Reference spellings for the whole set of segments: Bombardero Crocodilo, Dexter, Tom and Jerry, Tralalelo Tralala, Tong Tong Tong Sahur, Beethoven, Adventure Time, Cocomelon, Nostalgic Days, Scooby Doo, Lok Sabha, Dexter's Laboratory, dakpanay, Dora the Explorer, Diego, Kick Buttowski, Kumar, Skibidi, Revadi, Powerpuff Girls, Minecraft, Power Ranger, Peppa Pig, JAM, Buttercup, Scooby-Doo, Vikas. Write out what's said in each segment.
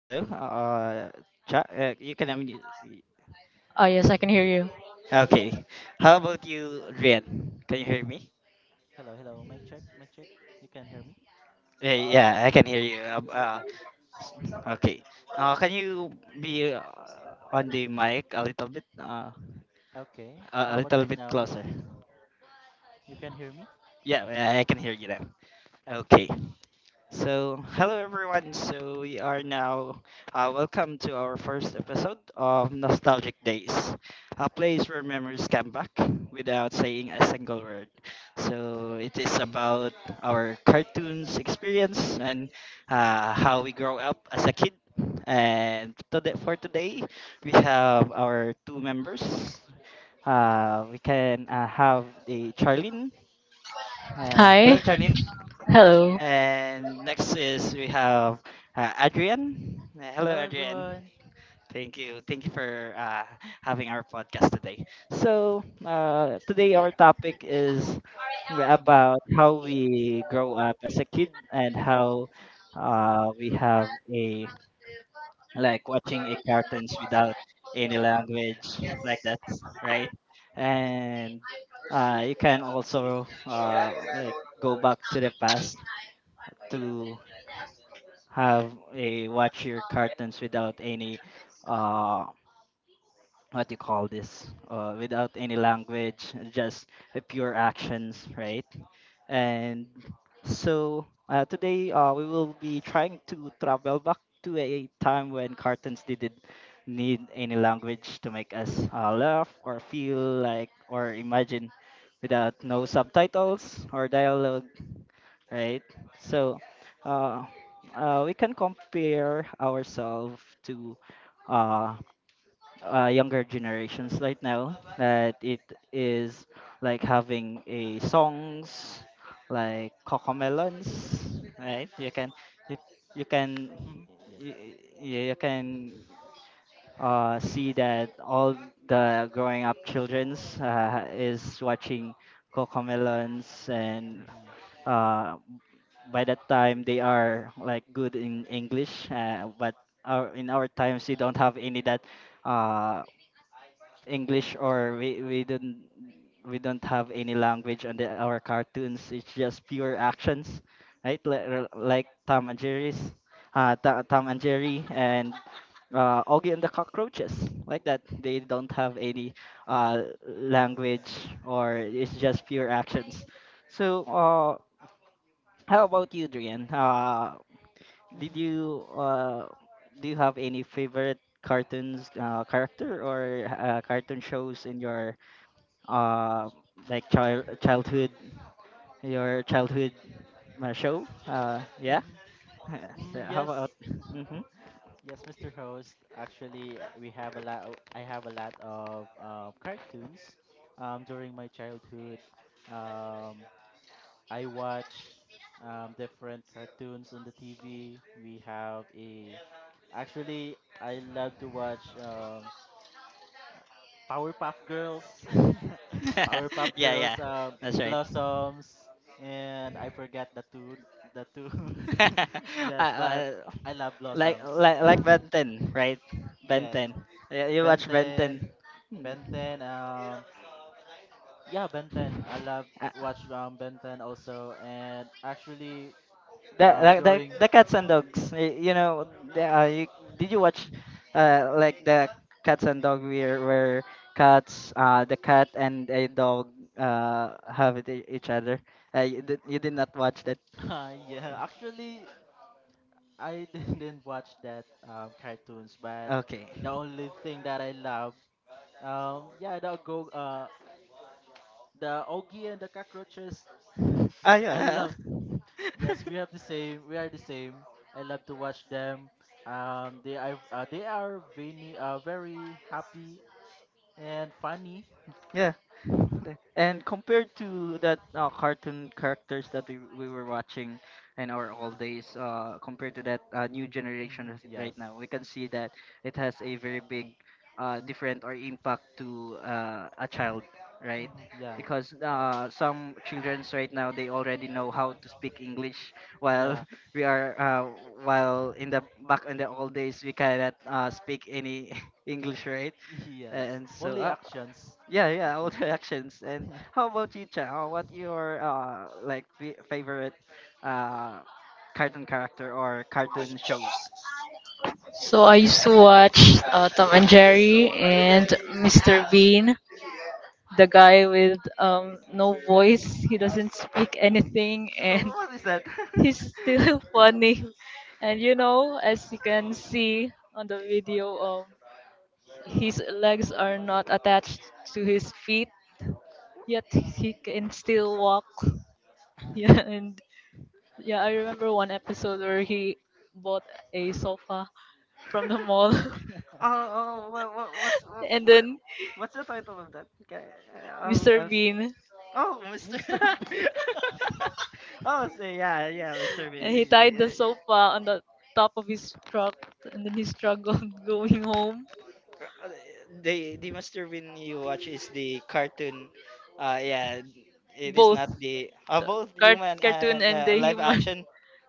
Hello? Chat, you can unmute. Oh, yes, I can hear you. Okay. How about you, Rian? Can you hear me? Hello, hello. Mic check, mic check. You can hear me? Yeah, yeah, I can hear you. Okay. Okay. Can you be on the mic a little bit? Uh, Okay. a How a about little right bit now? Closer. You can hear me? Yeah, I can hear you now. Okay. Okay. So, hello everyone. So, we are now welcome to our first episode of Nostalgic Days, a place where memories come back without saying a single word. So, it is about our cartoons experience and how we grow up as a kid. And today, for today, we have our two members. We can have the Charlene. Hello, Hi. Charlene. Hello. And next is we have Adrian. Hello, Hello, Adrian. everyone. Thank you. Thank you for having our podcast today. So, today our topic is about how we grow up as a kid and how we have a like watching a cartoons without any language like that, right? And you can also like go back to the past to have a watch your cartoons without any uh what you call this, without any language, just the pure actions, right? And so today we will be trying to travel back to a time when cartoons didn't need any language to make us laugh or feel like or imagine without no subtitles or dialogue, right? So, uh, we can compare ourselves to uh, younger generations right now that it is like having a songs like cocomelons, right? You you can Mm-hmm. Yes. you, you can see that all the growing up childrens is watching cocomelons, and Mm-hmm. uh, by that time they are like good in English, but in our times we don't have any that uh, English, or we don't have any language on our cartoons. It's just pure actions, right? Like Tom and Jerry's, Tom and Jerry, and Augie and the Cockroaches, like that. They don't have any language, or it's just pure actions. So how about you, Drian? Mm-hmm. Did Mm-hmm. you Do you have any favorite cartoons character or cartoon shows in your uh, like childhood show? Yeah. Mm-hmm. Mm, So how yes. about? Hmm. Yes, Mr. Host. Actually, we have a lot. I have a lot of cartoons during my childhood. Um, I watch different cartoons on the TV. We have a Actually I love to watch Powerpuff Girls, Powerpuff Yeah, yeah, Girls, that's right. Blossoms, and I forget the two. uh, yes, but uh, I love like Blossoms. like like Ben 10, right? Ben Yes, 10. Yeah, you Ben watch Ben 10. 10, Ben 10. Yeah, Ben 10. I love watch Ben 10 also, and actually the the, the during the cats and dogs. You know, the, uh, you, did you watch like the cats and dog, where cats the cat and a dog have it each other? You did you Did not watch that? uh, yeah, actually, I didn't watch that cartoons, but Okay. the only thing that I love, yeah, the Ogie and the cockroaches. Ah, I yeah. love. Yes, we have the same. We are the same. I love to watch them. They are, very very happy and funny. Yeah. hmm. And compared to that cartoon characters that we were watching in our old days, compared to that new generation Yes. right now, we can see that it has a very big different or impact to a child, right? Hmm. Yeah. Because some childrens right now they already know how to speak English, while Yeah. we are while in the back in the old days we cannot speak any English, right? Yes. And so Only actions. yeah, yeah, all Actions. the actions. And how about you, Chao? What your like favorite uh cartoon character or cartoon shows? So I used to watch Tom and Jerry and Mr. Bean, the guy with no voice. He doesn't speak anything and What is that? he's still funny. And you know, as you can see on the video, his legs are not attached to his feet, yet he can still walk. Yeah, and yeah, I remember one episode where he bought a sofa from the mall. Oh, what, what, what's what, And what, then what's the title of that? Okay, I'll, Mr. I'll, s- Bean, oh, Mr. Mr. B. Oh, so yeah, yeah, Mr. Mr. Bean and he is. Yeah, Bean. tied the yeah. sofa on the top of his truck, and then he struggled going home. Uh, the Master Bean you watch is the cartoon. Yeah, it is Both not the both human cartoon and and the live human. action.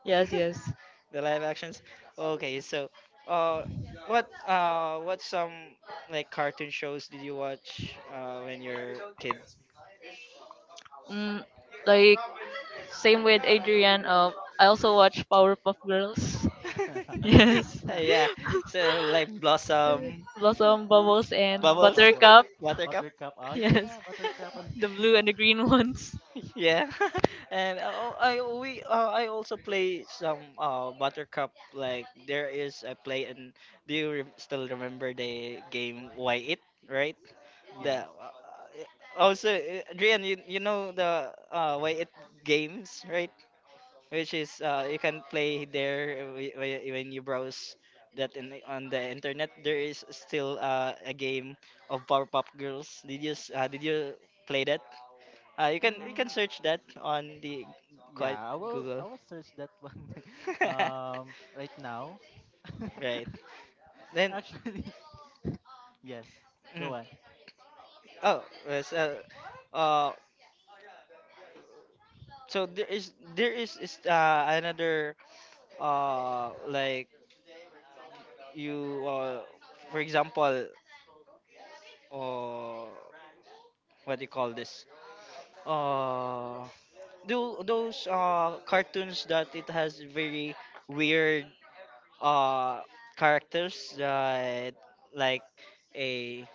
Yes, yes. The live actions. Okay, so uh, what some like cartoon shows did you watch when you're a kid? Mm, like same with Adrian. I also watch Powerpuff Girls. Yes. Yeah, so like Blossom, Blossom, Bubbles, and Bubbles, Bubbles. Buttercup. Buttercup. Buttercup. Oh Yes, yeah, Buttercup and the blue and the green ones. Yeah, and I also play some buttercup, like there is a play, and still remember the game why it, right? yeah. the Also, Adrian, you know the why it games, right? Which is you can play there, when you browse on the internet, there is still a game of powerpuff girls. Did did you play that? You can you Mm, can search that on the quite yeah, I will I Google. will search that one right now. Right. Then, Actually, yes. mm, Go on. oh, yes, uh so there is another like you for example uh what do you call this, uh do those cartoons that it has very weird uh characters that, like a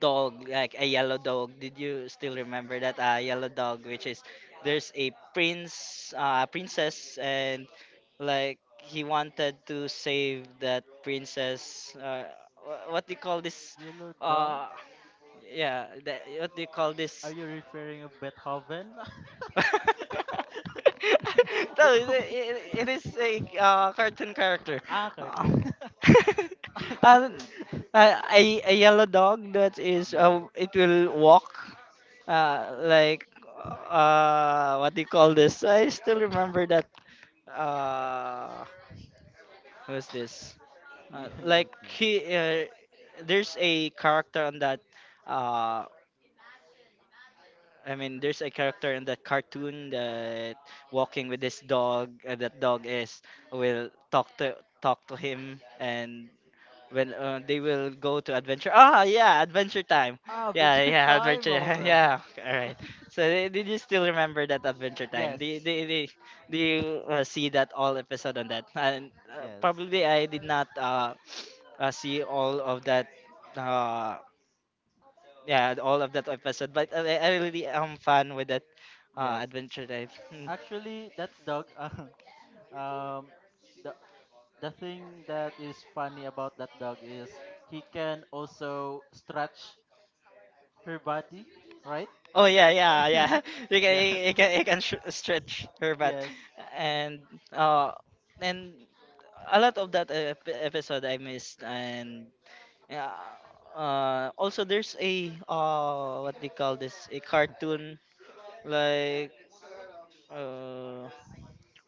dog, like a yellow dog. Did you still remember that yellow dog, which is, there's a princess, and like he wanted to save that princess. What do you call this? Yellow dog? Uh, yeah, that, what do you call Are this? you referring of Beethoven? No, Beethoven. It is a cartoon character. Ah, Uh, cartoon. uh, a yellow dog that is, Yellow dog. it will walk, like, what do you call this? I still remember that. Uh, Who's this? Uh, like Yellow dog. he, uh, there's a character on that. Uh, I mean, there's a character in that cartoon that walking with his dog. That dog is will talk to him, and when they will go to adventure. Ah, yeah, adventure time. Ah, but Yeah, your yeah, time, adventure. alright. Yeah, all right. So did you still remember that adventure time? Do you, do Yes, you, do you do you, see that all episode on that? And yes, probably I did not see all of that. Uh, yeah, all of that episode. But I really am fun with that yes. adventure time. Hmm. Actually, that dog, um, the the thing that is funny about that dog is he can also stretch her body, right? Oh, yeah, yeah, yeah. You yes, can you can stretch her butt, yes, and uh, and a lot of that episode I missed, and yeah. Also, there's a what they call this, a cartoon, like uh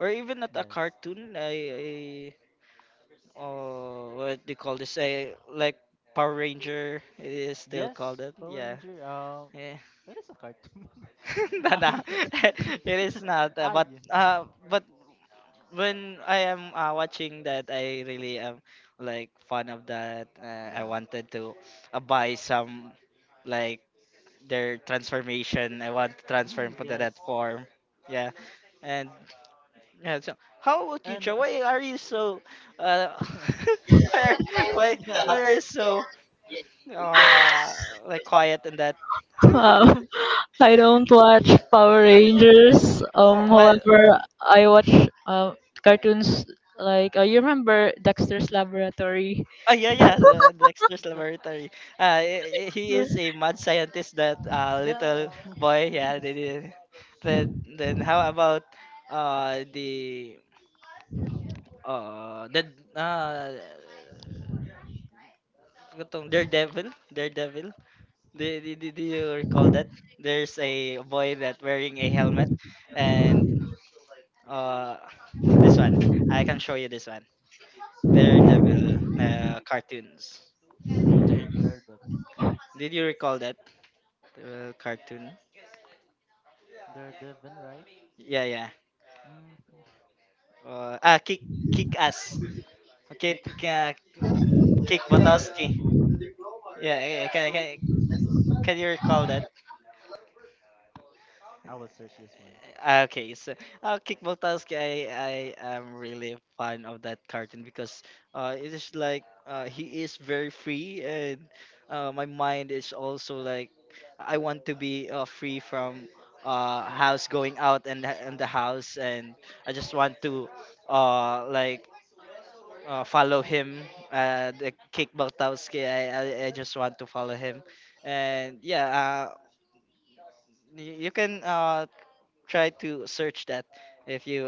or even not a yes, cartoon. I What they call this, a like Power Ranger, it is still yes. called it, Power yeah. Ranger. Yeah. That is a cartoon. ah No. yes. It is not. Uh, ah but yeah. uh, but when I am watching that, I really am like fun of that. I Yeah. wanted to buy some like their transformation. I want to transform Mm, into yes. that form. Yeah, and yeah. So how about you, And Cho? Why are you so? Uh, why are, why yeah, why are you so uh like quiet in that? Um, I don't watch Power Rangers. Wh- What However, I watch uh, cartoons like, you remember Dexter's Laboratory. Oh, yeah, yeah, the Dexter's the, Laboratory. He is a mad scientist. That little yeah, boy. Yeah, yes. they did. Then how about uh Dexter. the the uh kutong Daredevil, Daredevil. Do you recall that? There's a boy that wearing a helmet, and uh this one I can show you this one. Daredevil cartoons. Dare- They're the Did you recall that cartoon? they're Devon, right? Yeah, yeah. Hmm. Uh, ah, kick kick ass. Okay, You can, kick Botowski. Yeah, can you recall that? I will search this one. Ah, okay, so kick Botowski. I am really fan of that cartoon because it is like, he is very free, and my mind is also like I want to be free from house, going out, and the house, and I just want to like, follow him. The Kick Bartowski, I just want to follow him, and yeah, you can try to search that if you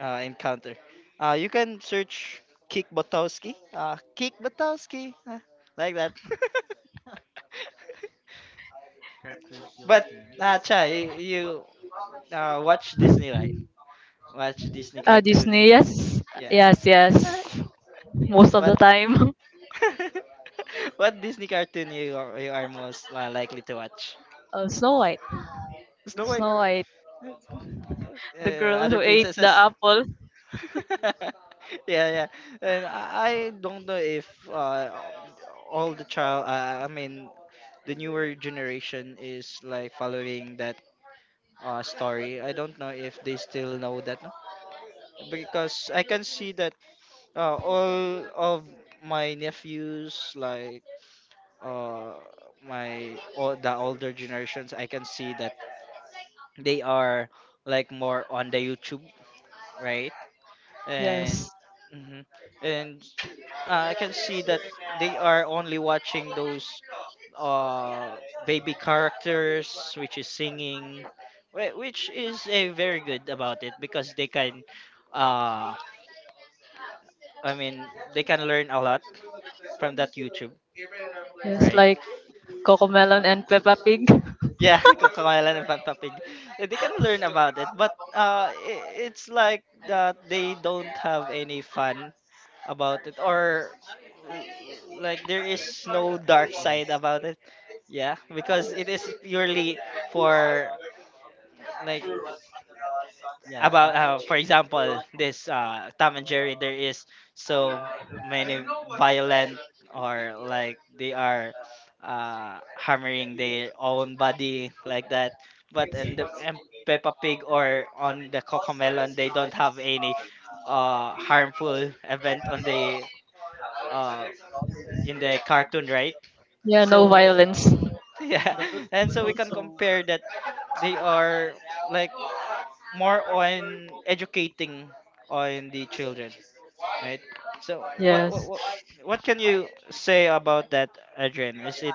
encounter. You can search Kick Bartowski, Kick Bartowski, like that. Cartoon but Philippines. uh, Chai, you watch Disney, right? Watch Disney Disney, cartoon, yes, yeah. yes, yes. Most of the what time. What Disney cartoon you are most likely to watch? Oh, Snow White. Snow White, Snow White, uh, the girl who other ate the princesses. apple. Yeah, yeah. And I don't know if all the I mean, the newer generation is like following that story. I don't know if they still know that, no? Because I can see that all of my nephews, like uh, my all the older generations, I can see that they are like more on the YouTube, right? And Yes. mhm. And I can see that they are only watching those uh baby characters which is singing, which is a very good about it because they can, uh, I mean they can learn a lot from that YouTube, Yes, right? like Coco Melon and Peppa Pig. Yeah, Coquitlam and Peppa Pig. They can learn about it, but it's like that they don't have any fun about it, or l- like there is no dark Yes, side about it. Yeah, because it is purely for like yes, about actually, for example this Tom and Jerry there is so many violent or like they are hammering their own body like that but in yes, the in Peppa Pig or on the Cocomelon they don't have any harmful event on the uh, in the cartoon, right? Yeah, no yes. so we- violence. yeah, Mm, the good and thing so we can also, compare that they are like more on educating on the children, right? So Yes. What can you say about that, Adrian? Is it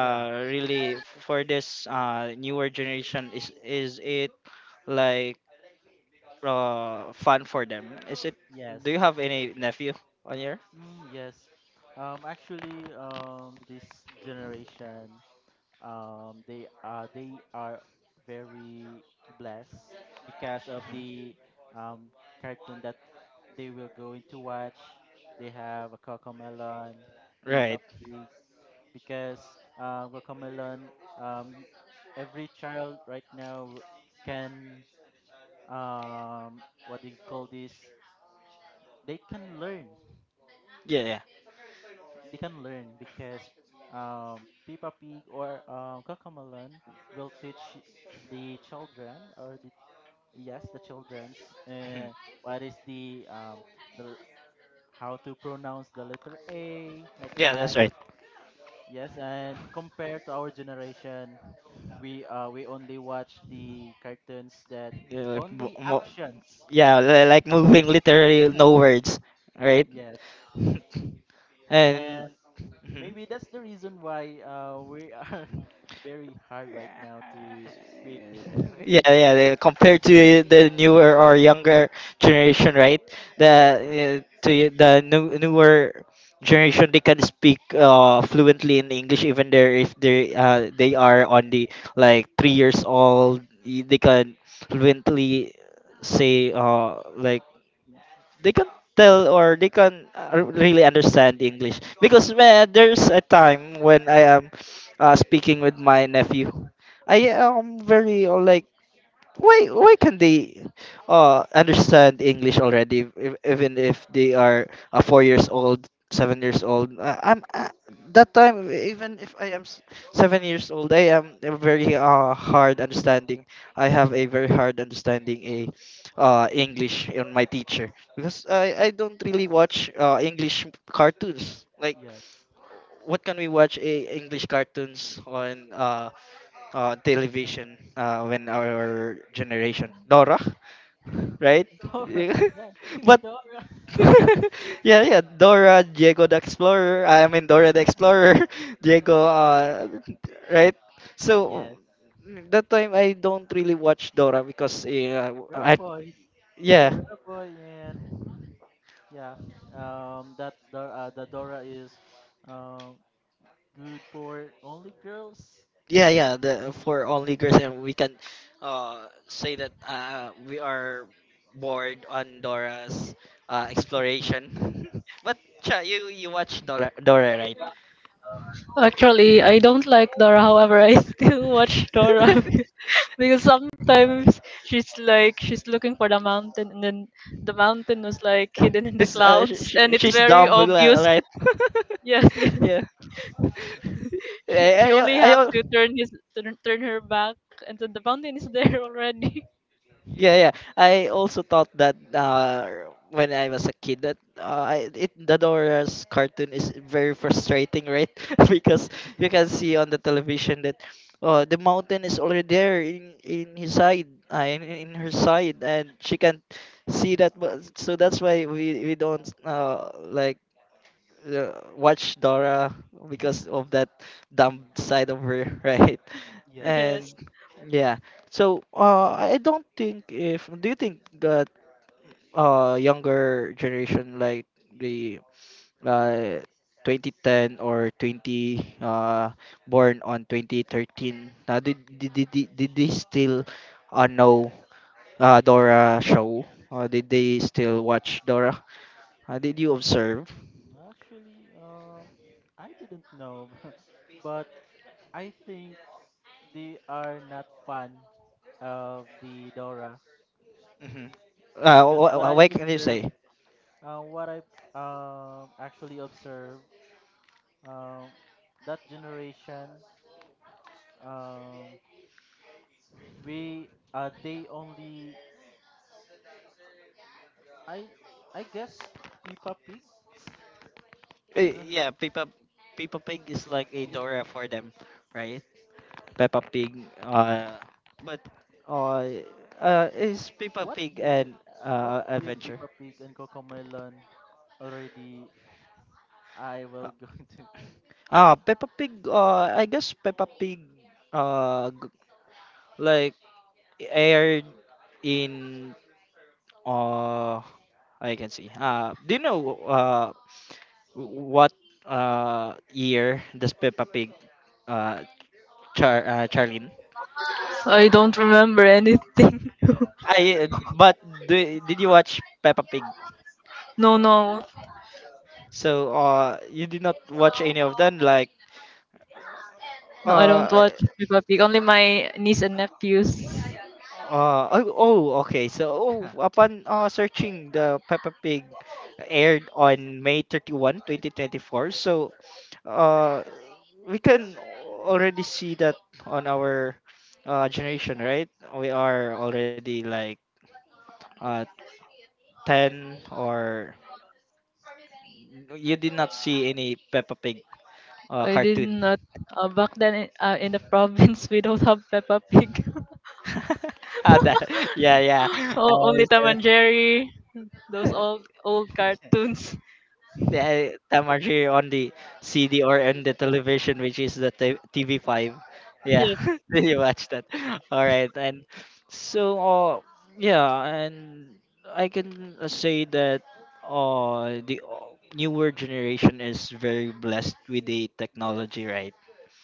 yeah, really for this newer generation? Is it like fun for them? Is it? yes, Do you have any nephew on here? mm, yes. Actually, this generation, they are very blessed because of Mhm. the um cartoon that they will go into watch. They have a Cocomelon, Peppa Right. Pig, because guacamelon, um, y- every child right now can, um, what do you call this? They can learn. Yeah. Yeah. They can learn because Peppa Pig or guacamelon will teach the children or the, yes, the children's, Mhm. uh, what is the how to pronounce the letter a, like Yeah, that's that. right. Yes, and compared to our generation, we only watch the cartoons that Yeah, like, mo- only mo- actions. yeah, like moving literally no words, right? Yes, And and mhm. maybe that's the reason why we are very hard right now to speak English. Yeah, compared to the newer or younger generation, right? The Yes, to the newer generation they can speak fluently in English even there if they they are on the like 3 years old, they can fluently say like they can tell yes, or they can really understand English, because man, there's a time when I am speaking with my nephew. I am very like why can they understand English already if, even if they are 4 years old, 7 years old, I'm that time, even if I am 7 years old, I have yeah, a very hard understanding a English on my teacher because I don't really watch English cartoons like yes. what can we watch English cartoons on television when our generation, Dora, right? Dora, yeah, but Kimidora. yeah, yeah, Dora, Diego the Explorer. I mean Dora the Explorer, Diego. Yes, Right. So yes. that time I don't really watch Dora because We're a I boy. Also, yeah. we're a boy, and yeah, that Dora, the Dora is, um, good for only girls? Yeah, yeah. The for only girls, and we can say that we are bored on Dora's exploration. But cha, you watch Dora, Dora, right? Actually, I don't like Dora, however, I still watch Dora. Because sometimes she's like she's looking for the mountain, and then the mountain was like hidden in the It's, clouds and it's she's very dumb, li- obvious. right? Yes, yes. Yeah. She she I, only I, I, have al- to turn his turn, turn her back and then the mountain is there already. Yeah, yeah. I also thought that when I was a kid that it the Dora's cartoon is very frustrating, right? Because you can see on the television that the mountain is already there in in her side, and she can't see that. So that's why we don't like watch Dora because of that dumb side of her, right? Yes. And Yes. yeah, so I don't think if do you think that younger generation like the uh 2010 or 20 uh born on 2013 did they still know Dora show? Did they still watch Dora? Did you observe? Actually, I didn't know, but I think they are not fan of the Dora Hmm. Because what I've What can you observed, say? What I actually observed, um, that generation, um, we they only I I guess Peppa Pig isn't that Yeah, Peppa. Peppa Pig is like a is Dora for them, right? Peppa Pig. But uh, is Peppa what Pig year an adventure? Peppa Pig and Cocomelon already I Uh, will go Peppa Pig. I guess Peppa Pig. Uh, g- like aired in. Uh, I can see. Do you know uh what year does Peppa Pig uh Char Charlene. I don't remember anything. I but do, did you watch Peppa Pig? No, no. So you did not watch any of them like No, I don't uh watch Peppa Pig. Only my niece and nephews. uh oh, oh okay so to. oh, upon searching the Peppa Pig aired on May 31, 2024. So uh we can already see that on our generation, right? We are already like uh 10 or you did not see any Peppa Pig. Oh, I did cartoon. not. Back then, in the province, we don't have Peppa Pig. Ah, that, yeah, yeah. I Oh, only Tom and understand. Jerry. Those old old yes, cartoons. Yeah, I'm actually on the CD or on the television, which is the TV5. Yeah, Yes, did you watch that? All right, and so, yeah, and I can say that the newer generation is very blessed with the yes, technology, right?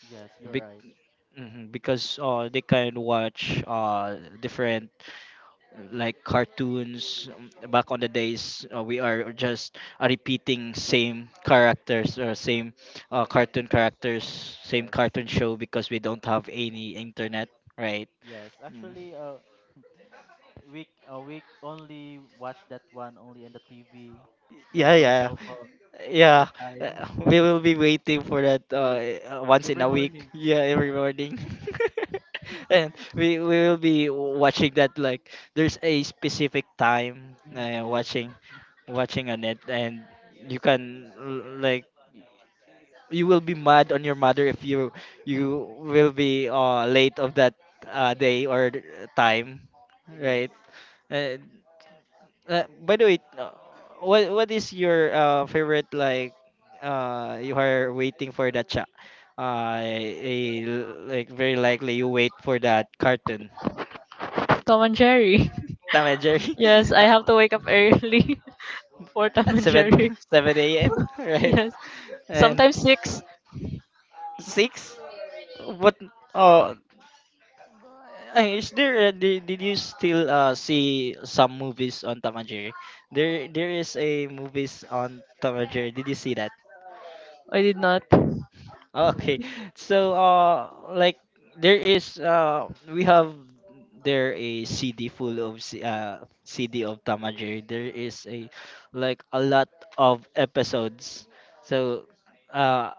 yes, you're Bec- right. mhm, because they can watch different like cartoons back on the days we are just repeating same characters or same cartoon characters, same Yes, cartoon show, because we don't have any internet, right. yes, Mm. actually, we only watch that one only in the TV. There's Yeah, no yeah. cell phone that Yeah, time. we will be waiting for that yes, once in every a week. morning. Yeah, every morning. And we will be watching that like there's a specific time Mm, yes. watching watching on it, and you can like you will be mad on your mother if you you will be late of that day or time, yes. right? By the way, what is your favorite like you are waiting for that cha a, like very likely you wait for that cartoon. Tom and Jerry. Tom and Jerry Yes, I uh, have to wake up early for Tom at and 7 Jerry. 7 a.m. right? Yes, And sometimes six. 6 but uh is there did you still see some movies on Tom and Jerry? There is a movies on Tom and Jerry. Did you see that? I did not. I Okay. So like there is we have there a CD full of CD of Tamajiri. There is a like a lot of episodes. So uh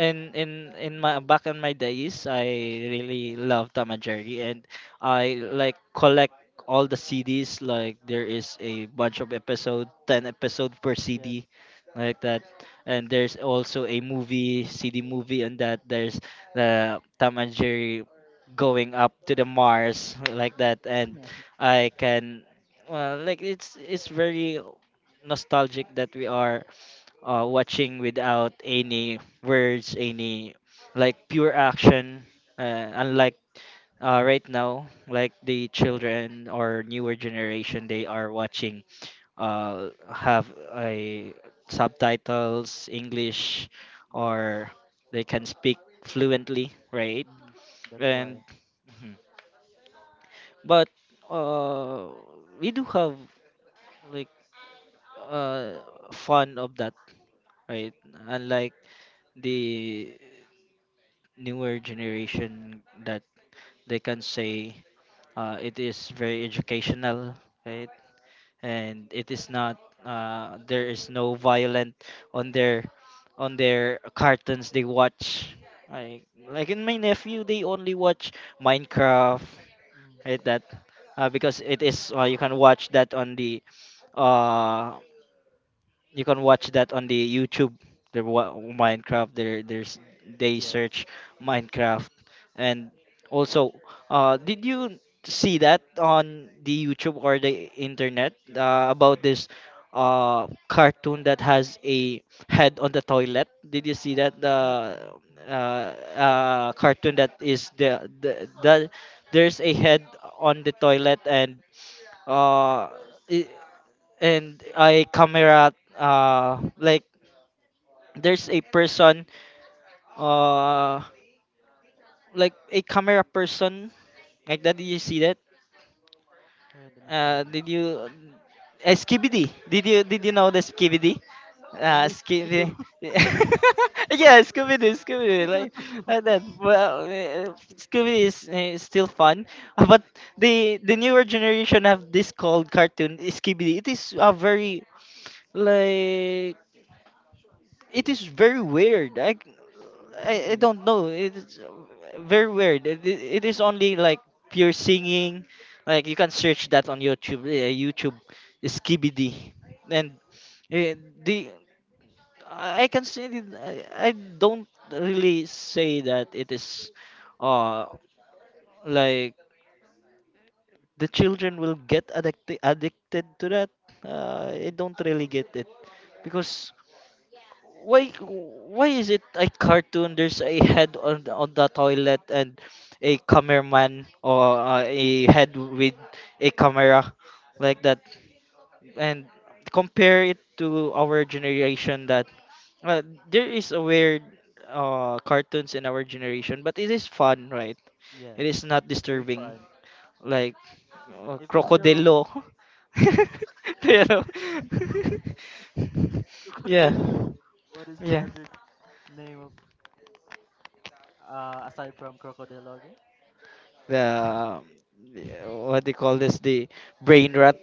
in in in my back in my days I really love Tamajiri, and I Mhm. like collect all the CDs like there is a bunch of episode 10 episode per Yes, CD like that, and there's also a movie CD movie on that, there's the Tom and Jerry going up to the Mars like that, and I can well like it's very nostalgic that we are watching without any words, any like pure action, unlike right now, like the yes, children or newer generation they are watching have a subtitles English, yes. or they can speak fluently, right? Mm, that's And why. mhm. But uh, we do have like uh, fun of that, right? Mm, Unlike the newer generation that they can say it is very educational, right? And it is not there is no violent on their on their cartoons they watch. I, like in my nephew they only watch Minecraft, mm, right? That because it is you can watch that on the uh, you can watch that on the YouTube. The Minecraft. There, there's they yes. search Minecraft, and also, did you see that on the YouTube or the internet about this cartoon that has a head on the toilet? Did you see that head the on, cartoon that is the the there's a head on the toilet and uh i- and I camera like there's a person uh like a camera person like that, did you see that head on a tile. did you skibidi did you know the skibidi only Scooby Doo, skibidi. Yeah, scooby-doo, Scooby scooby-doo Doo. like that well scooby is still fun. But the newer generation have this called cartoon skibidi, it is a very like it is very weird. I Yes. don't know. It's very weird. It is only like pure singing. Like you can search that on YouTube. YouTube Skibidi, and uh, the I can say that I don't really say that it is, uh, like the children will get addicted to that. I Hmm. don't really get it because why why is it a cartoon there's a head on the toilet, and a cameraman or a head with a camera like that, and compare it to our generation that uh, there is a weird cartoons in our generation but it is fun, right? It is Yes. not Very disturbing fun. like Even though crocodilo. You know, yeah crocodile, what is the yeah other name of, aside from crocodile, again? the what they call this the brain Uh, rot.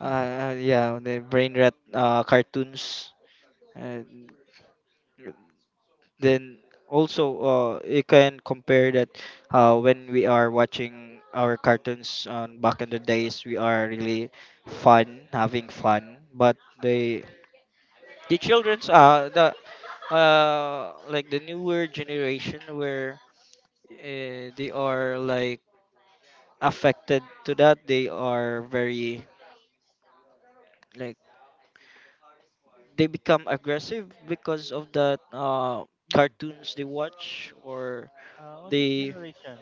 Uh, yeah, yes. the brain rot cartoons, and then also you can compare that when we are watching our cartoons on back in the days we are really fun, having fun, but the children's the like the newer generation where they are like affected to that, they are very like they become aggressive because of the Mm. cartoons they watch or On this they generation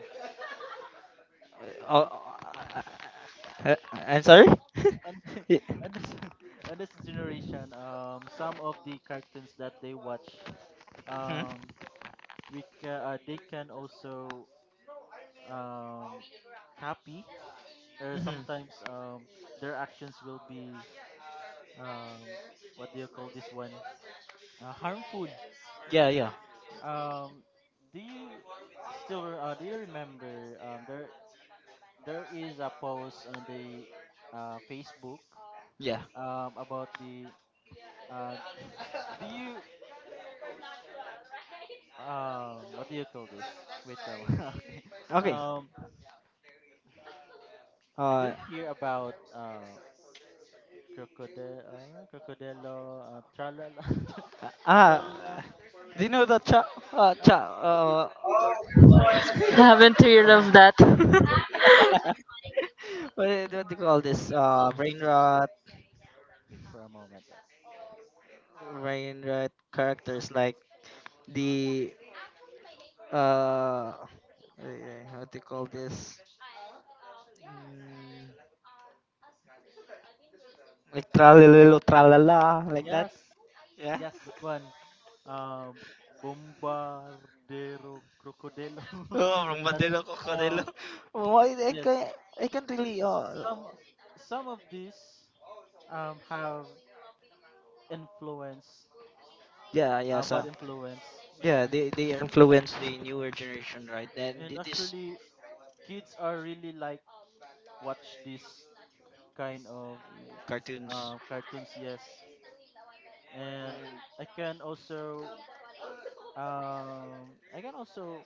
uh, and uh, uh, I'm sorry. on, Mm-hmm. on this on this generation, some of the cartoons that they watch, um, they can also um, copy, or Hmm hmm. sometimes their actions will be, um, what do you call this one? Harmful. Yeah, yeah, Um, do you do you remember there there is a post on the, Facebook, yeah. About the uh, do you what do you call this? Wait, Rama. okay. Okay. Um, do you Uh, hear about, crocodile crocodilo, tralala, ah, tralala? do you know the cha Uh, cha what do you what do you call this one? haven't Wait heard for a moment. of that. what, what do you call this brain rot, Wait for a moment. brain rot characters like the uh how to call this mm, like tralalelo tralala, like that. Yes, Yeah. yes, that one. Um, Bombardero Crocodilo, Oh, like that. rumbadelo cocodelo. Um, Why I yes, can I can't really. Oh. some some of these have influence, Yeah, yeah, bad so influence, yeah they influence the newer generation, right? And and it is actually kids are really like watch this kind of, cartoons. Cartoons. Yes, and Mm, I can also I can also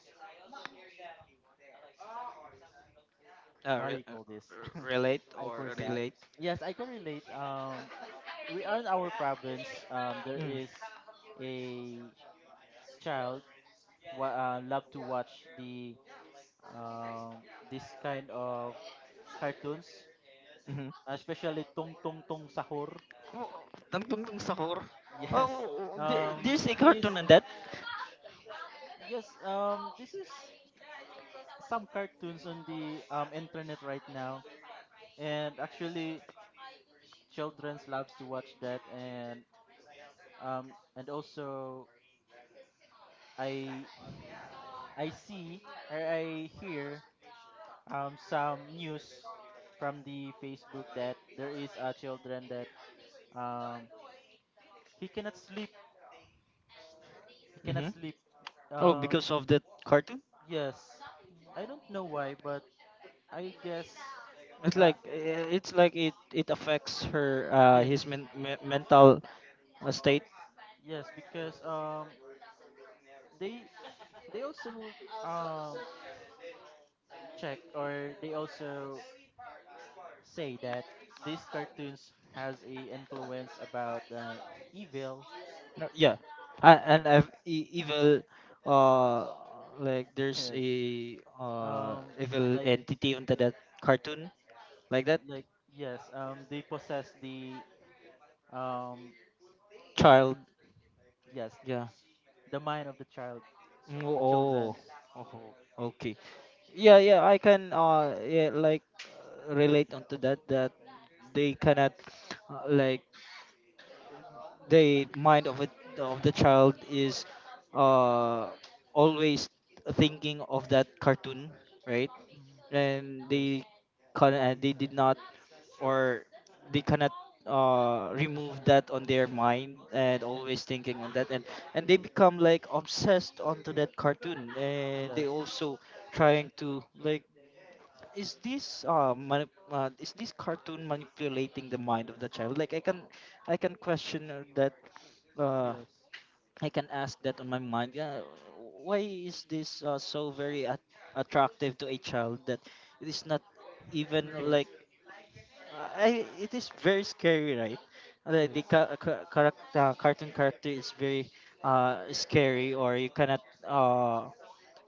what do you call this? Relate I or forget. relate. Yes, I can relate. We are in our province. There Mm. is a child who, love to watch the, um, this kind of cartoons, Mm-hmm. especially "Tong Tong Tong Sahur." Oh, ng tungtong sahur. Yes, Oh, there's a he is. cartoon on that. Yes, this is some cartoons on the, internet right now, and actually, childrens loves to watch that, and and also I I see or I hear some news from the Facebook that there is a children that, um, he cannot sleep. He cannot Hmm. sleep. Oh, Um, because of that cartoon? yes, I don't know why, but I guess, It's uh, like eh, it's like it affects her yes, his mental state. yes, because, they they also, um, check, or they also say that these cartoons has a influence about, evil. Yeah, and I've evil uh like there's Yes. a Um, evil like, entity onto that cartoon like that like yes, they possess the, um child. yes, Yeah, the mind of the child, mm, the children. oh, oh, okay. Yeah, yeah, I can yeah, like relate onto that they cannot, like, the mind of it of the Mhm, child is uh always thinking of that cartoon, right? mhm. And Yes, they can, they did not, or they cannot remove that on their mind and always thinking on that. And they become like obsessed onto that cartoon, and they yes, also trying to, like, is this is this cartoon manipulating the mind of the child? Like, I can, I can question, that, uh, yes, I can ask that on my mind. Yeah, why is this so very attractive to a child that it is not even yes, like I? It is very scary, right? The, the yes. ca- ca- caract- uh, cartoon character is very scary. Or you cannot, uh,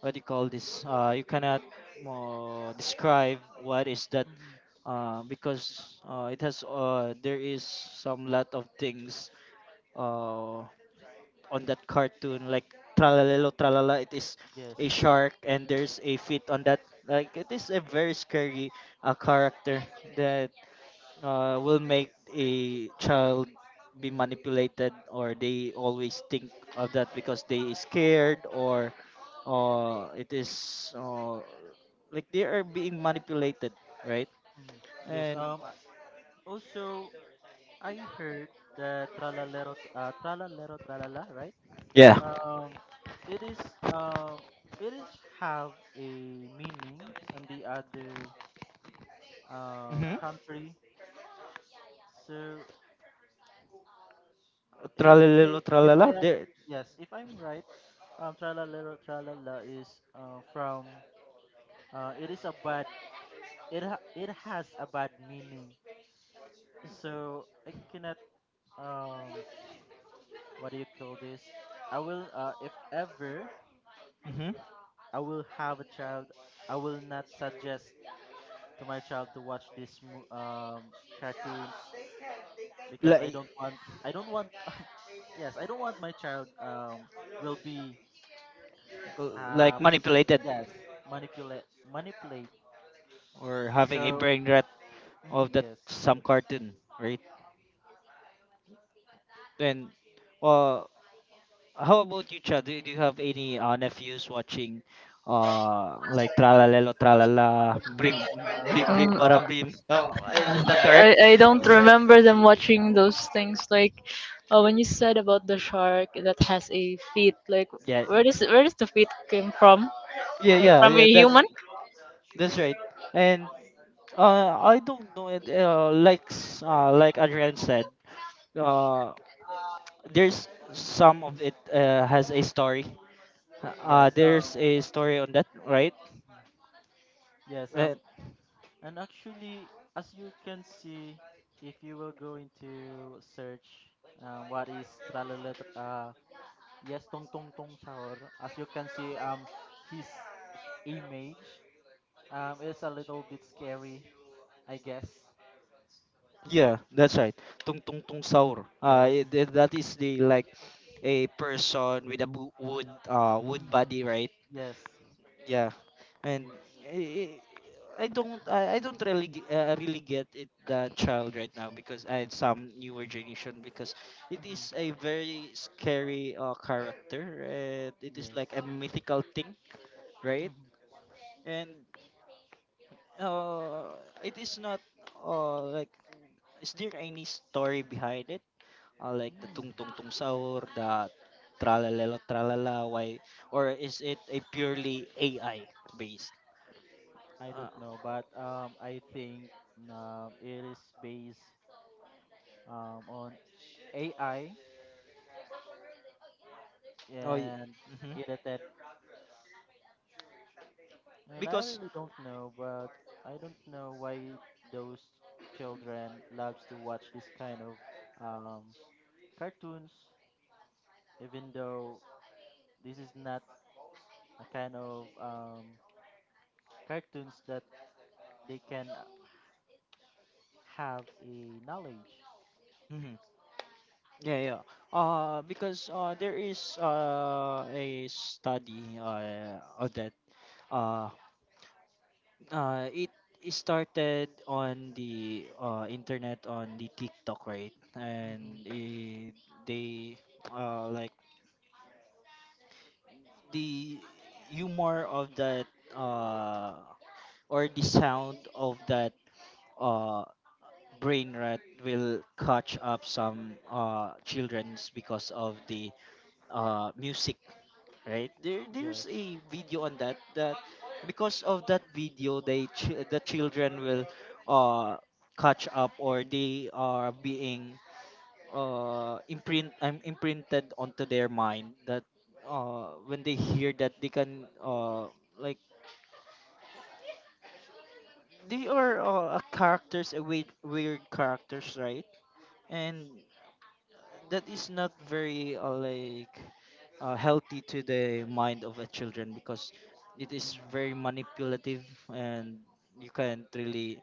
what do you call this? You cannot describe what is that, Mhm, because it has, there is some lot of things uh, on that cartoon, like tralalelo tralala. It is yes. a shark and there's a fit on that, like it is a very scary character that will make a child be manipulated, or they always think of that because they is scared, or it is, like, they are being manipulated, right? Mhm, yes. And also I heard that tralalero, tralalero tralala, right. yeah. um it is um it is, have a meaning on the other, Mm-hmm, country. So if I tralalelo if tralala I am there. yes, if I'm right, Tralala Tralala is, from it is a bad, it has a bad meaning. So I cannot, um what do you call this? I will, if ever Mm-hmm. I will have a child, I will not suggest to my child to watch this, cartoons, because I like don't want I don't want yes, I don't want my child, will be a, like manipulated yes, manipulate. or having a So, brain rot mm, of that yes, some cartoon, right? Then, uh, how about you, Chad? Do, do you have any nephews watching, like Tralalelo Tralala Brim Brim Brim Um, Para Brim? Is that yeah, correct? I don't remember them watching those things like, when you said about the shark that has a feet, like Yeah, where does the feet came from, yeah, like yeah, from a yeah. That's human. that's right. And I don't know it. Like like Adrian said, uh, there's some of it has a story. Yes, There's a story on that, right? yes, Uh, and actually, as you can see, if you will go into search, what is tralala, yes, tong tong tong sahur. As you can see, his image, is a little bit scary, I guess. yeah, that's right. Tung Tung Tung Saur. Yes, That is the, like, a person with a wood wood mm, body, right? yes. Yeah, and I, I don't really really get it, the child right now, because I some newer generation, because it is Hmm, a very scary character and it is yes. like a mythical thing, right? Mm-hmm. And uh, it is not, like, is there any story behind it? Like the tung tung hmm tung sahur, the tralalelo tralala, why? Or is it a purely AI based? I Uh, don't know, but, I think, it is based, on AI oh, y- and mhm. edited. And I Because really don't know, but I don't know why those children loves to watch this kind of, um, cartoons, even though this is not a kind of, cartoons that they can, have a knowledge. mhm. Yeah, yeah, because there is a study of that, uh it, it started on the internet, on the TikTok, right? And Hmm. eh, they like the humor of that, uh, or the sound of that, uh, brain rot will catch up some childrens because of the music, right? There, there's Yes. a video on that, that because of that video the children will uh, catch up, or they are being imprinted onto their mind that when they hear that they can like, they are, a characters, a weird, weird characters, right? And that is not very, like, healthy to the mind of a children, because it is very Hmm. manipulative, and you can't really,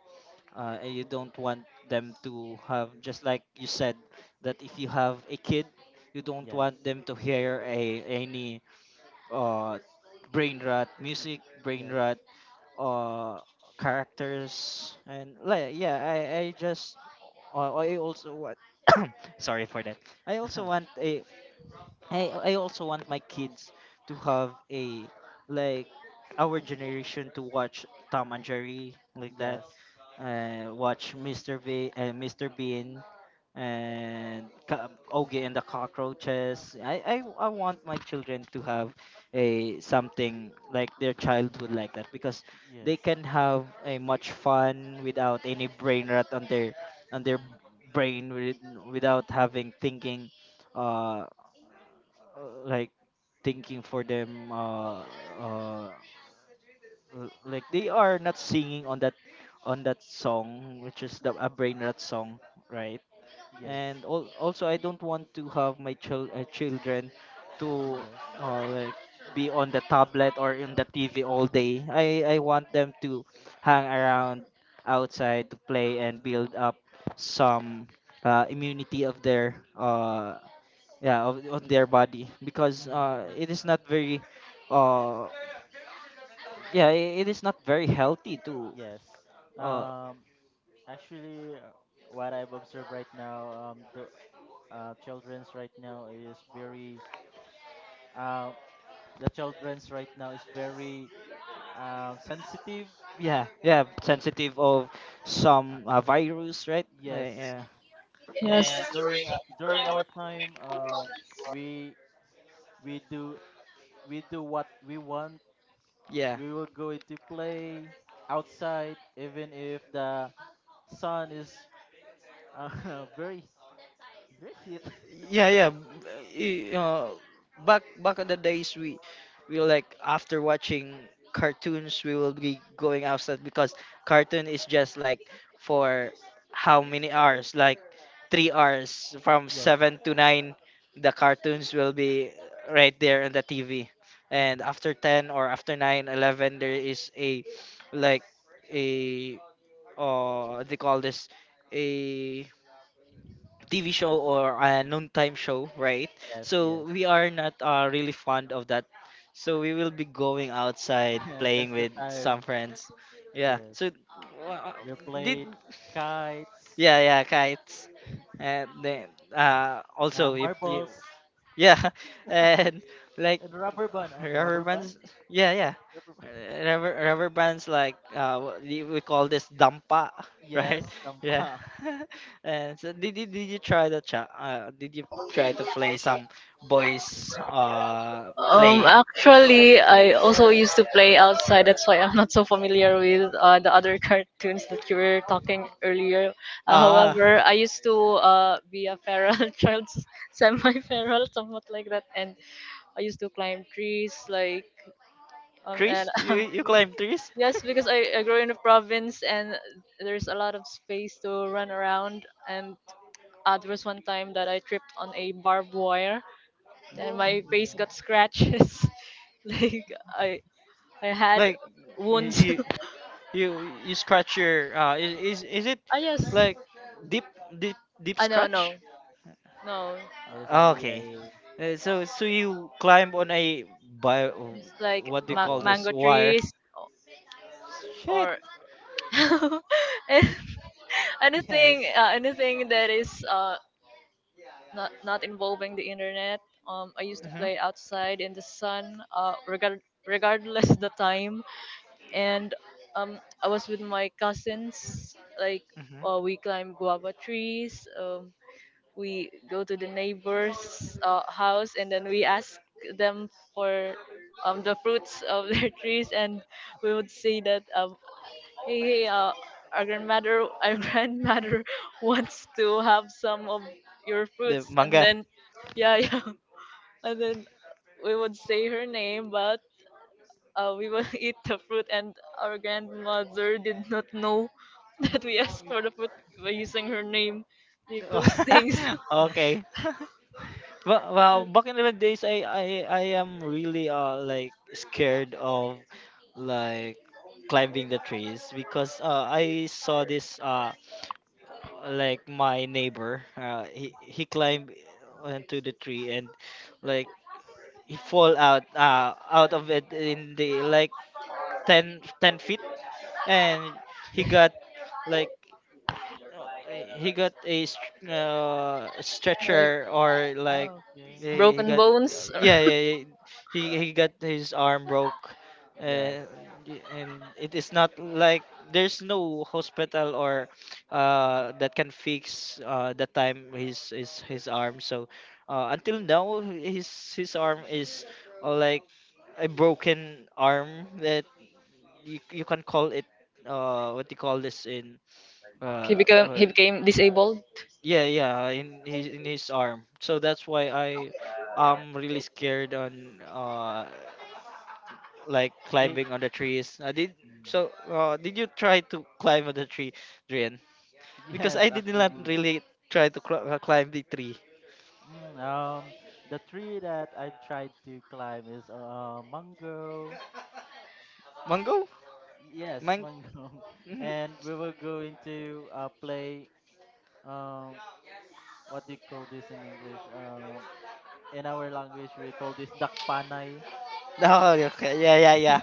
and you don't want them to have, just like you said, that if you have a kid, you don't Yes. want them to hear a any uh, brain rot music, brain Yes. rot uh, characters. And like yeah, I just I also want sorry for that, I also want a, I also want my kids to have a, like, our generation, to watch tom and jerry like that. Yes. Watch Mr. V and Mr. Bean and Ogie and the Cockroaches. I want my children to have a something like their childhood like that, because they Yes. can have a much fun without any brain rot on their, on their Mm. brain, with, without having thinking, uh like, thinking for them, uh like, they are not singing on that, on that song, which is the a brain rot song, right? Yes. And also I don't want to have my children to Yes. Like, be on the tablet or in the tv all day. I want them to hang around outside to play and build up some immunity of their yeah of, on their body, because Mm. It is not very uh yeah, it is not very healthy to Yes. uh Um. Actually, what I've observed right now, the, childrens right now is very, uh, the childrens right now is very sensitive. yeah, yeah, sensitive of Uh, some virus, right? Yes. Yeah, Yes. And during our time, we we do we do what we want. yeah, We will go into play outside, even if the sun is, very. You're cute. yeah, yeah, back, back in the days we like after watching cartoons, we will be going outside because cartoon is just like for how many hours, like 3 hours from Yes. 7 to 9. The cartoons will be right there on the tv, and Mhm. after 10 or after 9 11 there is a, like, a they call this a TV show, or a noontime show, right? Yes, So yes. we are not, really fond of that. So we will be going outside Yes, playing that's the with some time. friends. Yeah. Yes. So uh, We did, played kites, yeah, yeah, kites. And then also you, marbles, yeah, and like, and rubber band. Oh, rubber rubber band? bands, yeah, yeah. Rubber Uh, band. rubber bands, like what do we call this, dampa? Right, Yes, yeah. Tampa And so did you try the did you try to play some boys Um, play? activities. actually I also used to play outside. That's why I'm not so familiar with the other cartoons that you were talking earlier. Ah, However, I used to, be a feral child, semi feral, somewhat like that. And I used to climb trees, like, and trees, you you climb Really? trees, yes, because I grew in a province and there's a lot of space to run around. And there was one time that I tripped on a barbed wire, and my face Whoa. got scratches. Like I had like, wounds. you you you scratch your is, is it Ah yes, like deep, deep, deep I know. scratch? No, no. There is only Okay. a So, so you climb on a by, It's like what do you call baboy. this mango wire? trees Shit. or anything, Yes. Anything that is, not not involving the internet. I used to Mhm. play outside in the sun, regardless the time, and I was with my cousins. Like, Mhm. We climb guava trees. We go to the neighbor's house, and then we ask them for, the fruits of their trees, and we would see that, Hey, hey, our grandmother, our grandmother wants to have some of your fruits, The and manga. then, yeah, yeah, and then we would say her name, but we would eat the fruit, and our grandmother did not know that we asked for the fruit by using her name, like those things. Okay. Well, well, And back in the days, I am really like scared of, like, climbing the trees, because I saw this like my neighbor, he climbed onto the tree and, like, he fall out, out of it in the, like, 10 10 feet, and he got, like, he got a Like stretcher, or like, oh, okay. he broken got, bones. yeah, yeah, yeah, he got his arm broke, Yes. uh, and it is not like there's no hospital or Mhm. That can fix the time his arm. So until now his arm is, like, a broken arm that, you can call it, what do you call this in He uh, became he uh became disabled. yeah, yeah, in his, in his arm. So that's why I am really scared on like They. climbing on the trees. I did. So Mm. Did you try to climb on the tree, Drian? Because Yes, I did not actually. really try to climb the tree. Mm, the tree that I've tried to climb is, mango. Mango, Yes, mang. mango. Mm-hmm. And we were going to, play. Um, what do you call this in English? In our language, we call this dakpanay. Oh, okay, yeah, yeah, yeah.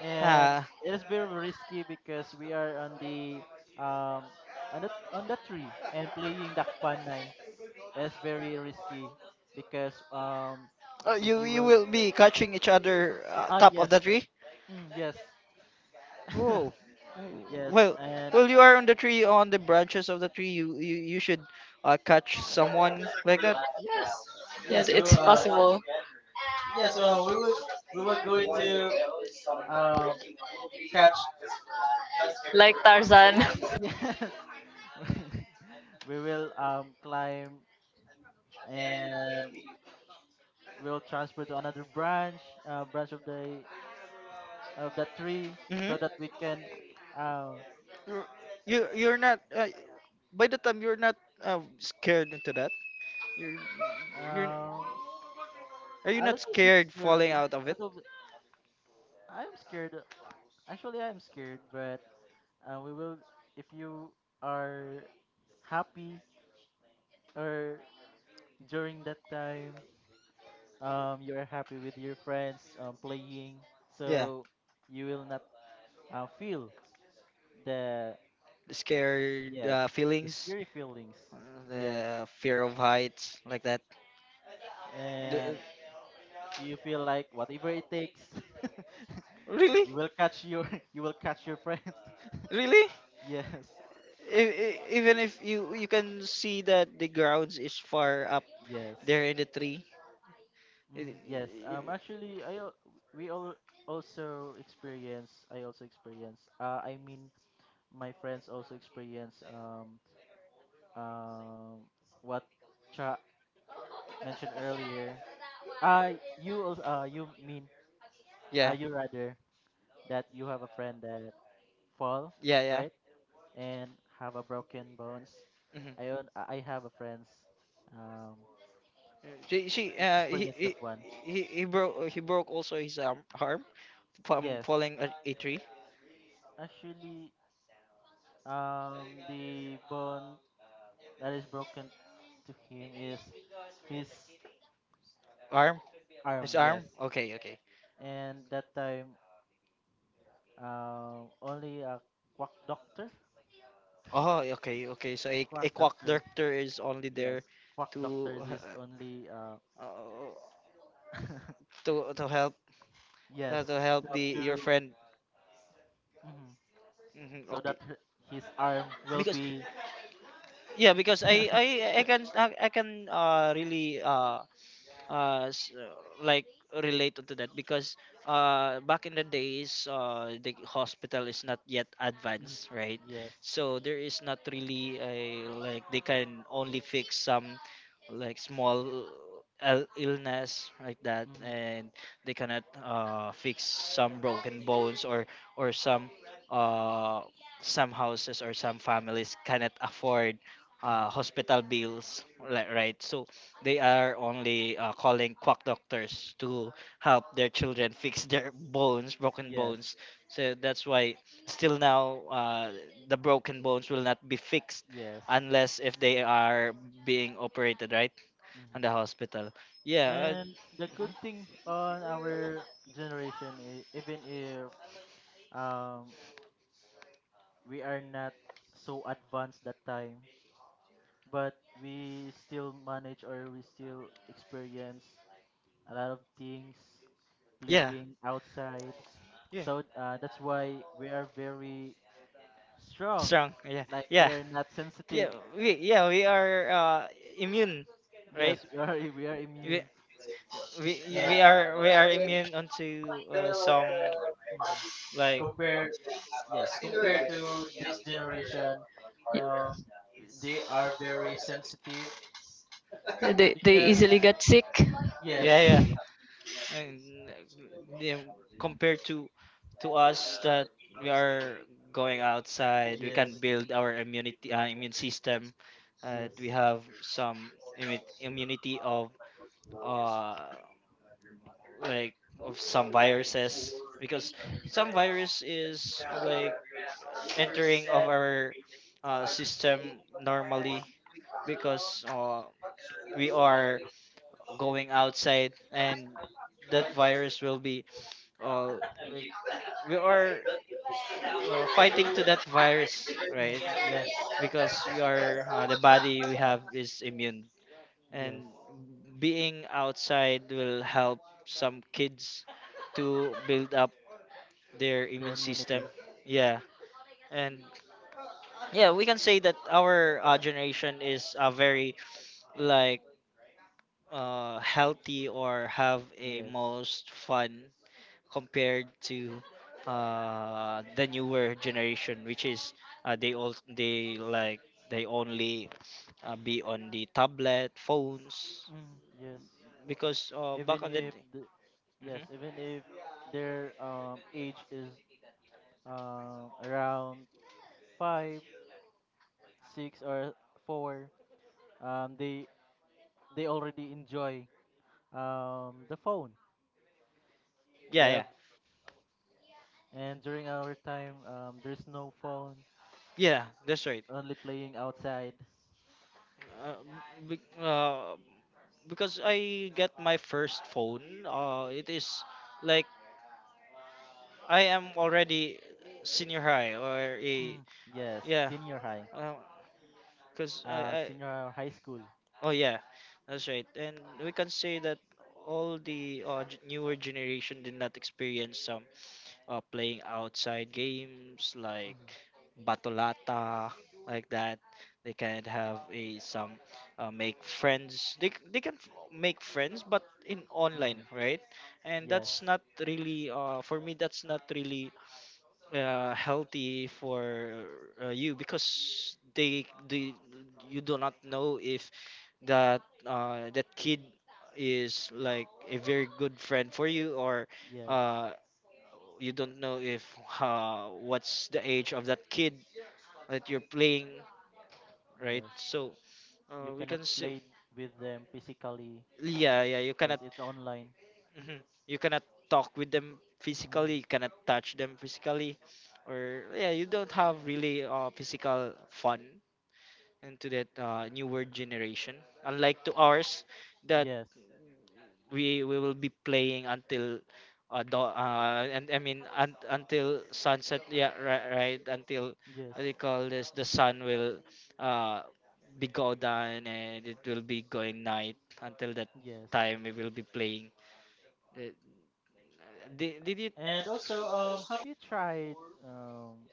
And uh, it is very risky because we are on the, um, on the tree and playing dakpanay. It's very risky because, if you, you you will, will be catching each other, ah top of yes, the tree. mm, yes. Oh, mm, Yes, well, and well, you are on the tree, on the branches of the tree. You should catch someone like that. yes, Yes, yes, it's we'll possible. yes, well, we were Will, going to, um catch, like Tarzan, yes, we will, climb and we'll transfer to another branch, branch of the tree, Mm-hmm. so that we can, um You're, you, you're not. By the time you're not scared into that, You're you're, um are you a not little bit scared falling scary, out of a it? little bit. I'm scared. Actually, I'm scared, but, we will, if you are happy, or during that time, you are happy with your friends, playing, Yeah, so you will not, feel the, the scared yes, the feelings, scary feelings, yes, the fear of heights like that. The-, and you feel like whatever it takes, really? you will catch your you will catch your friends. Really? yes, Even if you, you can see that the grounds is far up yes. there in the tree. Y- Mm, yes. Y- Actually, we all also experience. I also experience, I mean, my friends also experience, um what Cha mentioned earlier. Uh you also, you mean, Yeah. you rather, that you have a friend that fall, Yeah, yeah. right? And have a broken bones. Hmm. I have a friend's, um She, he experience that he one. He broke, he broke also his arm from Yes. falling a tree. Actually, the bone that is broken to him is his Arm? His arm, yes. arm? Okay, okay. And that time, only a quack doctor, Oh, okay, okay. So quack a quack doctor. doctor is only there Yes, quack to doctors is only, uh, to help, yes, to you help the, have your to, friend. mhm, Hmm, so okay, that his arm will because be. yeah, because I I can, I can really uh s- uh, like relate to that. Because back in the days, the hospital is not yet Mm, advanced, right? yes. So there is not really a, like, they can only fix some, like, small illness like that. Mm, And they cannot fix some broken bones, or uh some houses or some families cannot afford mhm. hospital bills, right? So they are only calling quack doctors to help their children fix their bones, broken Yes. bones. So that's why still now, the broken bones will not be fixed Yes. unless if they are being operated, right, on Mhm. the hospital. Yeah, And the good thing on our generation, even if, um we are not so advanced that time, but we still manage or we still experience a lot of things, yeah, playing outside. yeah. So, that's why we are very strong. Strong. Yeah, Like yeah, we are not yeah. sensitive. We, yeah, we are, immune, right? Yes, we are We, immune. we And are, we are immune onto some, mhm, like, compare yes, compared to this generation, um, they are very sensitive they because easily got sick. yes, yeah, yeah, and yeah, compared to us that we are going outside, we yes, can build our immunity, immune system. Yes, We have some immunity of uh like of some viruses, because some virus is, like, entering of our system normally, because we are going outside, and that virus will be, uh, like, we are, fighting to that virus, mhm, right? yes, Because we are, the body we have is immune. And yes, being outside will help some kids to build up their their immune system. immunity. Yeah, and yeah, we can say that our generation is a very like healthy or have a Yes. most fun compared to the newer generation, which is uh, they all they like they only be on the tablet phones Mm, yes. because back Even on the if the, yes, mhm. even if their, age is, around five, six, or four, um, they they already enjoy, the phone. They Yeah, are, yeah, and during our time, there's no phone, yeah, that's right. only playing outside. Uh, be, uh, because I get my first phone, it is like I am already senior high or a Mm, yes, yeah, because I, I senior high school. oh yeah, that's right. And we can say that all the newer generation did not experience some playing outside games like Mm, batolata like that. They can have a some make friends. They c- they can f- make friends, but in online, mhm. right? And Yes, that's not really for me. That's not really healthy for you because they you do not know if that that kid is like a very good friend for you or yes, uh, you don't know if what's the age of that kid that you're playing right. yes. So You we cannot can see play with them physically yeah, yeah, you because cannot. it's online. Mhm. You cannot talk with them physically, Mm, you cannot touch them physically, or yeah you don't have really physical fun into that newer generation. Unlike to ours, that yes, we will be playing until do, and I mean un, until sunset. Yeah, right, right. Until yes. what do you call this? The sun will uh be go down and it will be going night. Until that Yes. time, we will be playing. Uh, did you? And also, have you tried um,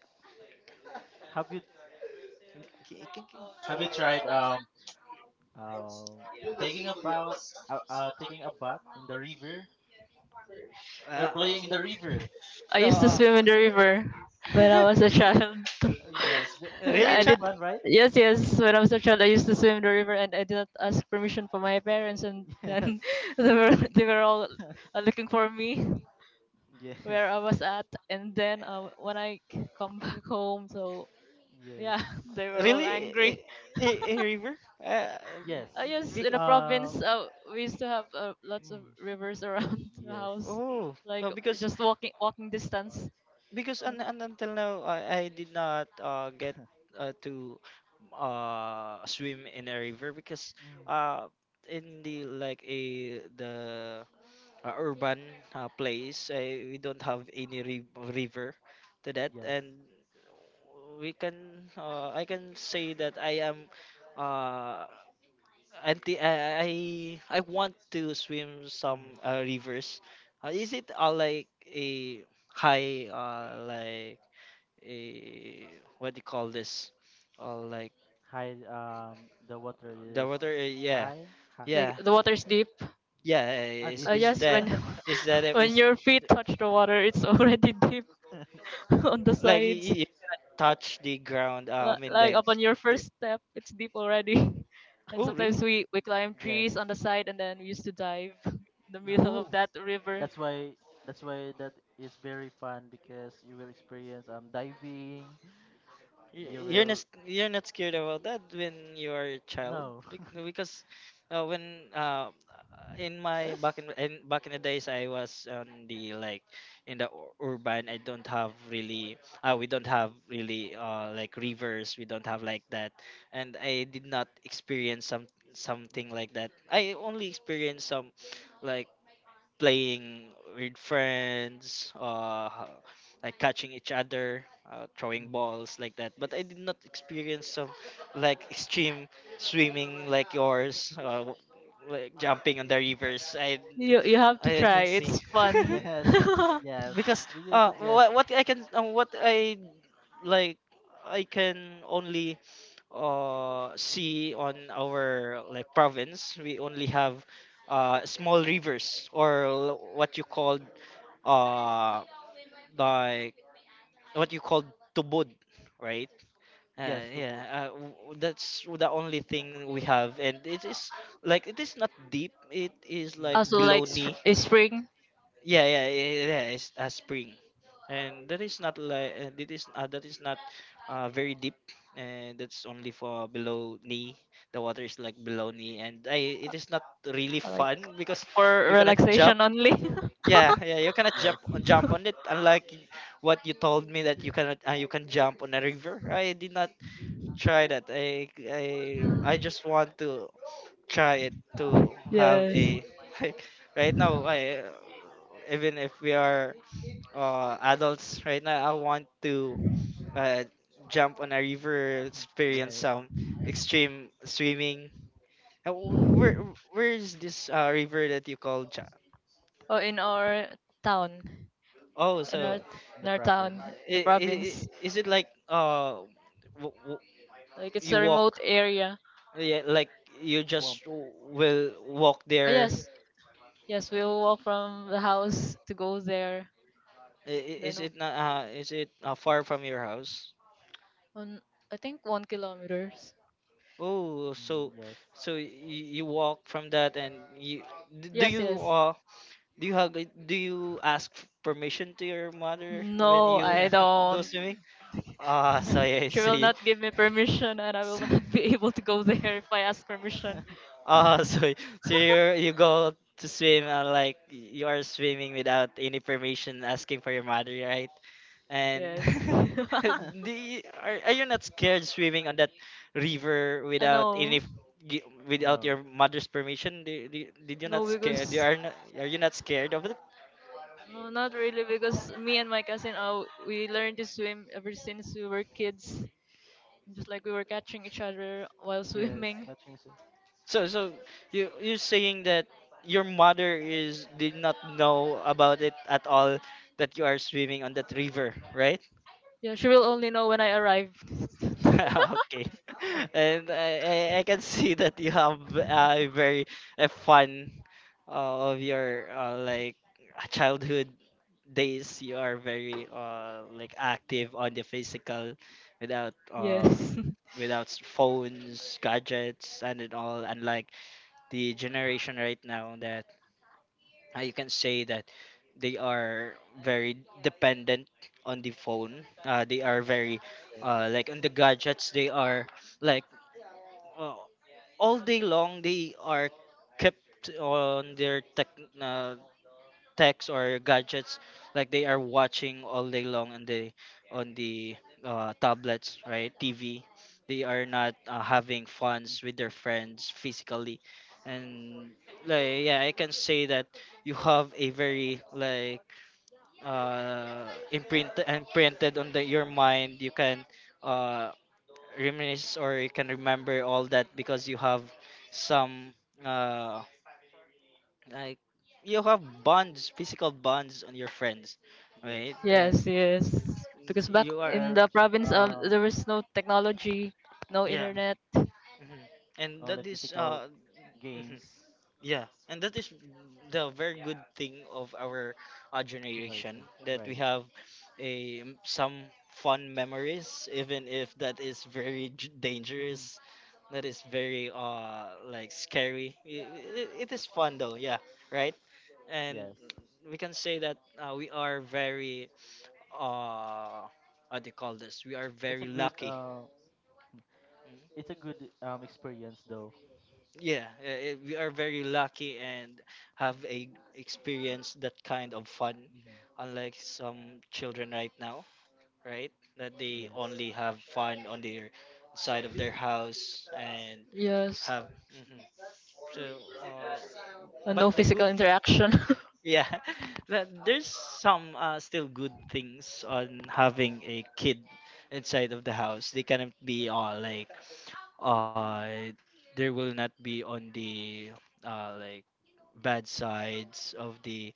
have you have you tried, um, taking a bath, taking a bath in the river, or Uh, playing in the river? I no, used to uh, swim in the river when I was a Really? child. Yes. It's really, I very did. cha? fun, right? Yes, yes. When I was a child, I used to swim in the river, and I did not ask permission from my parents. And then Yes. They were all, looking for me, Yes. where I was at. And then, when I come back home, so Yes. yeah, they were all Really? Angry. A river? Uh, Yes. Yes, in the because Um. province, we used to have, lots of Mm, rivers around the yes. house, oh like no, just walking distance. because until now I did not get to swim in a river because Mm, uh, in the like a the urban place we don't have any ri- river to that. yes. And we can I can say that I am uh, anti I want to swim Mm. some rivers. Is it like a high like a what do you call this? Like High. The water is the water? Yeah, high. High. Like yeah, the water's deep. yeah. Ah, deep. Is Yes, when that Yes. is that when is your feet touch the water, it's already deep on the like you, sides. you cannot touch the ground? I Li- mean Like upon your the first step, it's deep already. And oh sometimes really? We climb Yes. trees on the side, and then we used to dive in the Mhm. middle of Oh, that river. That's why that's why that is very fun because you will experience, diving. y- You you're not will. You're not scared about that when you're a child? No. Because when in my yes. back in back in the days I was on the like in the urban I don't have really we don't have really like rivers, we don't have like that. And I did not experience some something Mhm. like that. I only experienced some like playing with friends, like catching each other, throwing Mhm. balls like that. But I did not experience some like extreme swimming like yours, like jumping on the rivers. You have to I try. didn't It's see. fun. Yes. Yes. Because We can suggest what I can what I like I can only see on our like province. We only have small rivers or what you called uh like what you called tubod, right? yes to Yeah both. That's the only thing we have, and it is like it is not deep, it is like Mm. Also like below knee. is spring, Yeah, yeah, yeah, yeah, yeah, it's a spring, and that is not like that is not very deep, and that's only for below knee. The water is like below knee, and I it is not really like fun because for you cannot jump. relaxation only. Yeah, yeah, you cannot Yes. jump on it. Unlike what you told me that you cannot you can jump on a river. I did not try that. I just want to try it to have Yes. a like right now I even if we are adults right now I want to uh, jump on a river, experience Yes. some extreme swimming uh, wh- where where is this river that you call Oh, in our town, oh in our so Yes. In in the our town, province, in the i- i- province. is it like w- w- Like it's you a remote walk area. yeah like you swamp. just will Oh, walk there. yes, yes, Like, we'll walk from the house to go there. Is Then it not is it far from your house? on, I think 1 kilometer. Oh, so mm, yes. so you walk from that, and you do Yes, you yes. Do you hug do you ask permission to your mother when No, you I go don't. swimming? Ah, so yeah, I She will see. not give me permission, and I So- will not be able to go there if I ask permission. Ah, so so you go to swim like you are swimming without any permission asking for your mother, right? And Yes. I do you, are you not scared swimming on that river without know. any without no. your mother's permission? Do, do, did you No, not scared? You because are not, are you not scared of it? no, not really. Because me and my cousin, we learned to swim ever since we were kids. Just like we were catching each other while Yes. swimming. Catching. So so you you're saying that your mother is did not know about it at all, that you are swimming on that river, right? Yeah, she will only know when I arrive. Okay. And I can see that you have a very a fun of your like childhood days. You are very like active on the physical without uh, Yes. without phones, gadgets, and it all. Unlike the generation right now that you can say that they are very dependent on the phone. They are very Yes. Like on the gadgets. They are like uh, all day long. They are kept on their tech. Uh, Techs or gadgets, like they are watching all day long on the tablets, right, tv, they are not having funs with their friends physically. And like yeah I can say that you have a very like uh imprint imprinted on the, your mind. You can uh reminisce or you can remember all that because you have some uh like you have bonds, physical bonds on your friends, Yes. right? And Yes, yes. Because back you are in Where, the province, uh, there was no technology, no yeah. mm, internet. Mhm. And that only is physical mhm, games. yeah, and that is the very good thing of our generation, Generation, that we right. have a some fun memories even if that is very dangerous, Mm-hmm. that is very like scary. It it is fun though, yeah, right? And Yes. we can say that we are very uh what do you call this? We are it's very a good lucky. uh Mhm. it's a good, experience though. Yeah, we are very lucky and have a experience that kind of fun, Mm-hmm. unlike some children right now, right? That they Yes, only have fun on their side of their house and Yes, have. Mhm. So, uh, and no but the physical good interaction. yeah but there's some still good things on having a kid inside of the house. They cannot be all like uh there will not be on the like bad sides of the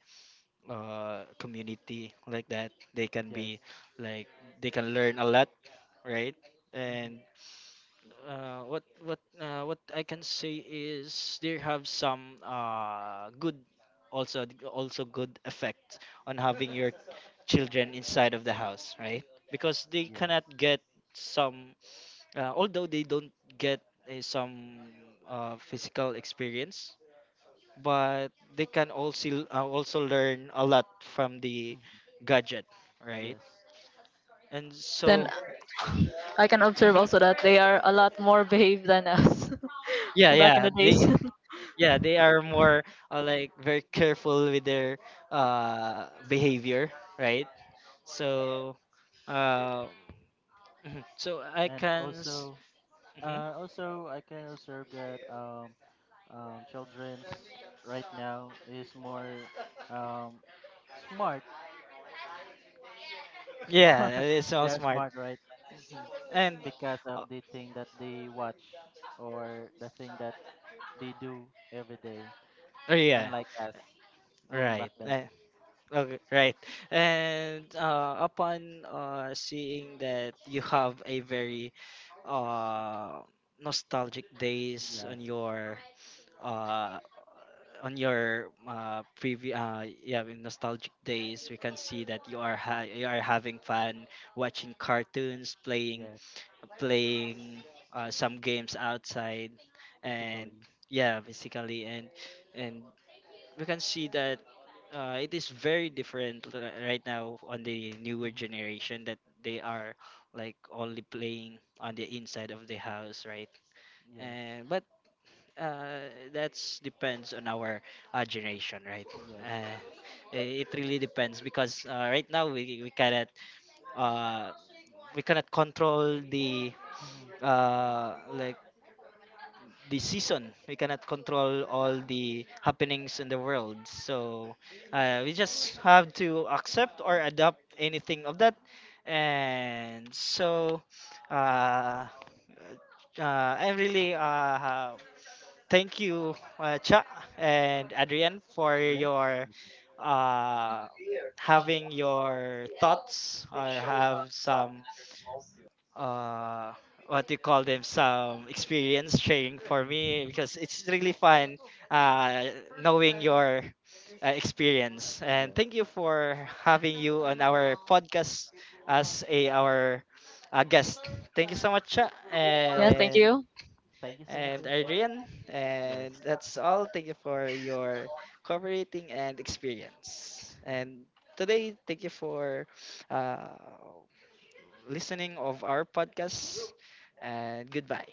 community like that. They can yes. be like they can learn a lot, right? And Mm-hmm. What I can say is there have some good also also good effect on having your children inside of the house, right? Because they Yes. cannot get some although they don't get some physical experience, but they can also also learn a lot from the Mm-hmm. gadget, right? Yes, And It's an so I can observe mhm. also that they are a lot more behaved than us Yeah, back in the days. yeah they are more like very careful with their behavior, right? So uh mhm. So and also, mhm. Also I can observe that, childrens right now is more, um, smart, Yeah, smart. it's all They are smart. smart, right? Mhm. And Because uh, of the thing that they watch, or the thing that they do every day, oh, yeah unlike us, going right back then. eh, okay right. And upon seeing that you have a very uh nostalgic days Yes. Uh on your previous yeah in nostalgic days we can see that you are you are having fun watching cartoons, Yes. playing some games outside. And Basically. yeah basically. And we can see that it is very different right now on the newer Hmm. generation, that they are like only playing on the inside of the house, right? Yes. And but that's depends on our generation, right? Yes. Uh, it really depends because right now uh, we cannot control the Hmm. Like the season. We cannot control all the happenings in the world. So we just have to accept or adopt anything of that. And so uh, I'm really thank you, Cha and Mm. Adrian, for Yes. your uh, having your thoughts or have some uh, what you call them, some experience sharing for Hmm. me because it's really fun uh, knowing your experience. And thank you Yes. for having you on our podcast as a our guest. Thank you so much, Cha, Yeah, thank you. Thank you so much, and sir. Adrian. Yes. And that's all. Thank you for your cooperating and experience. And today, thank you for uh, listening of our podcast. And goodbye.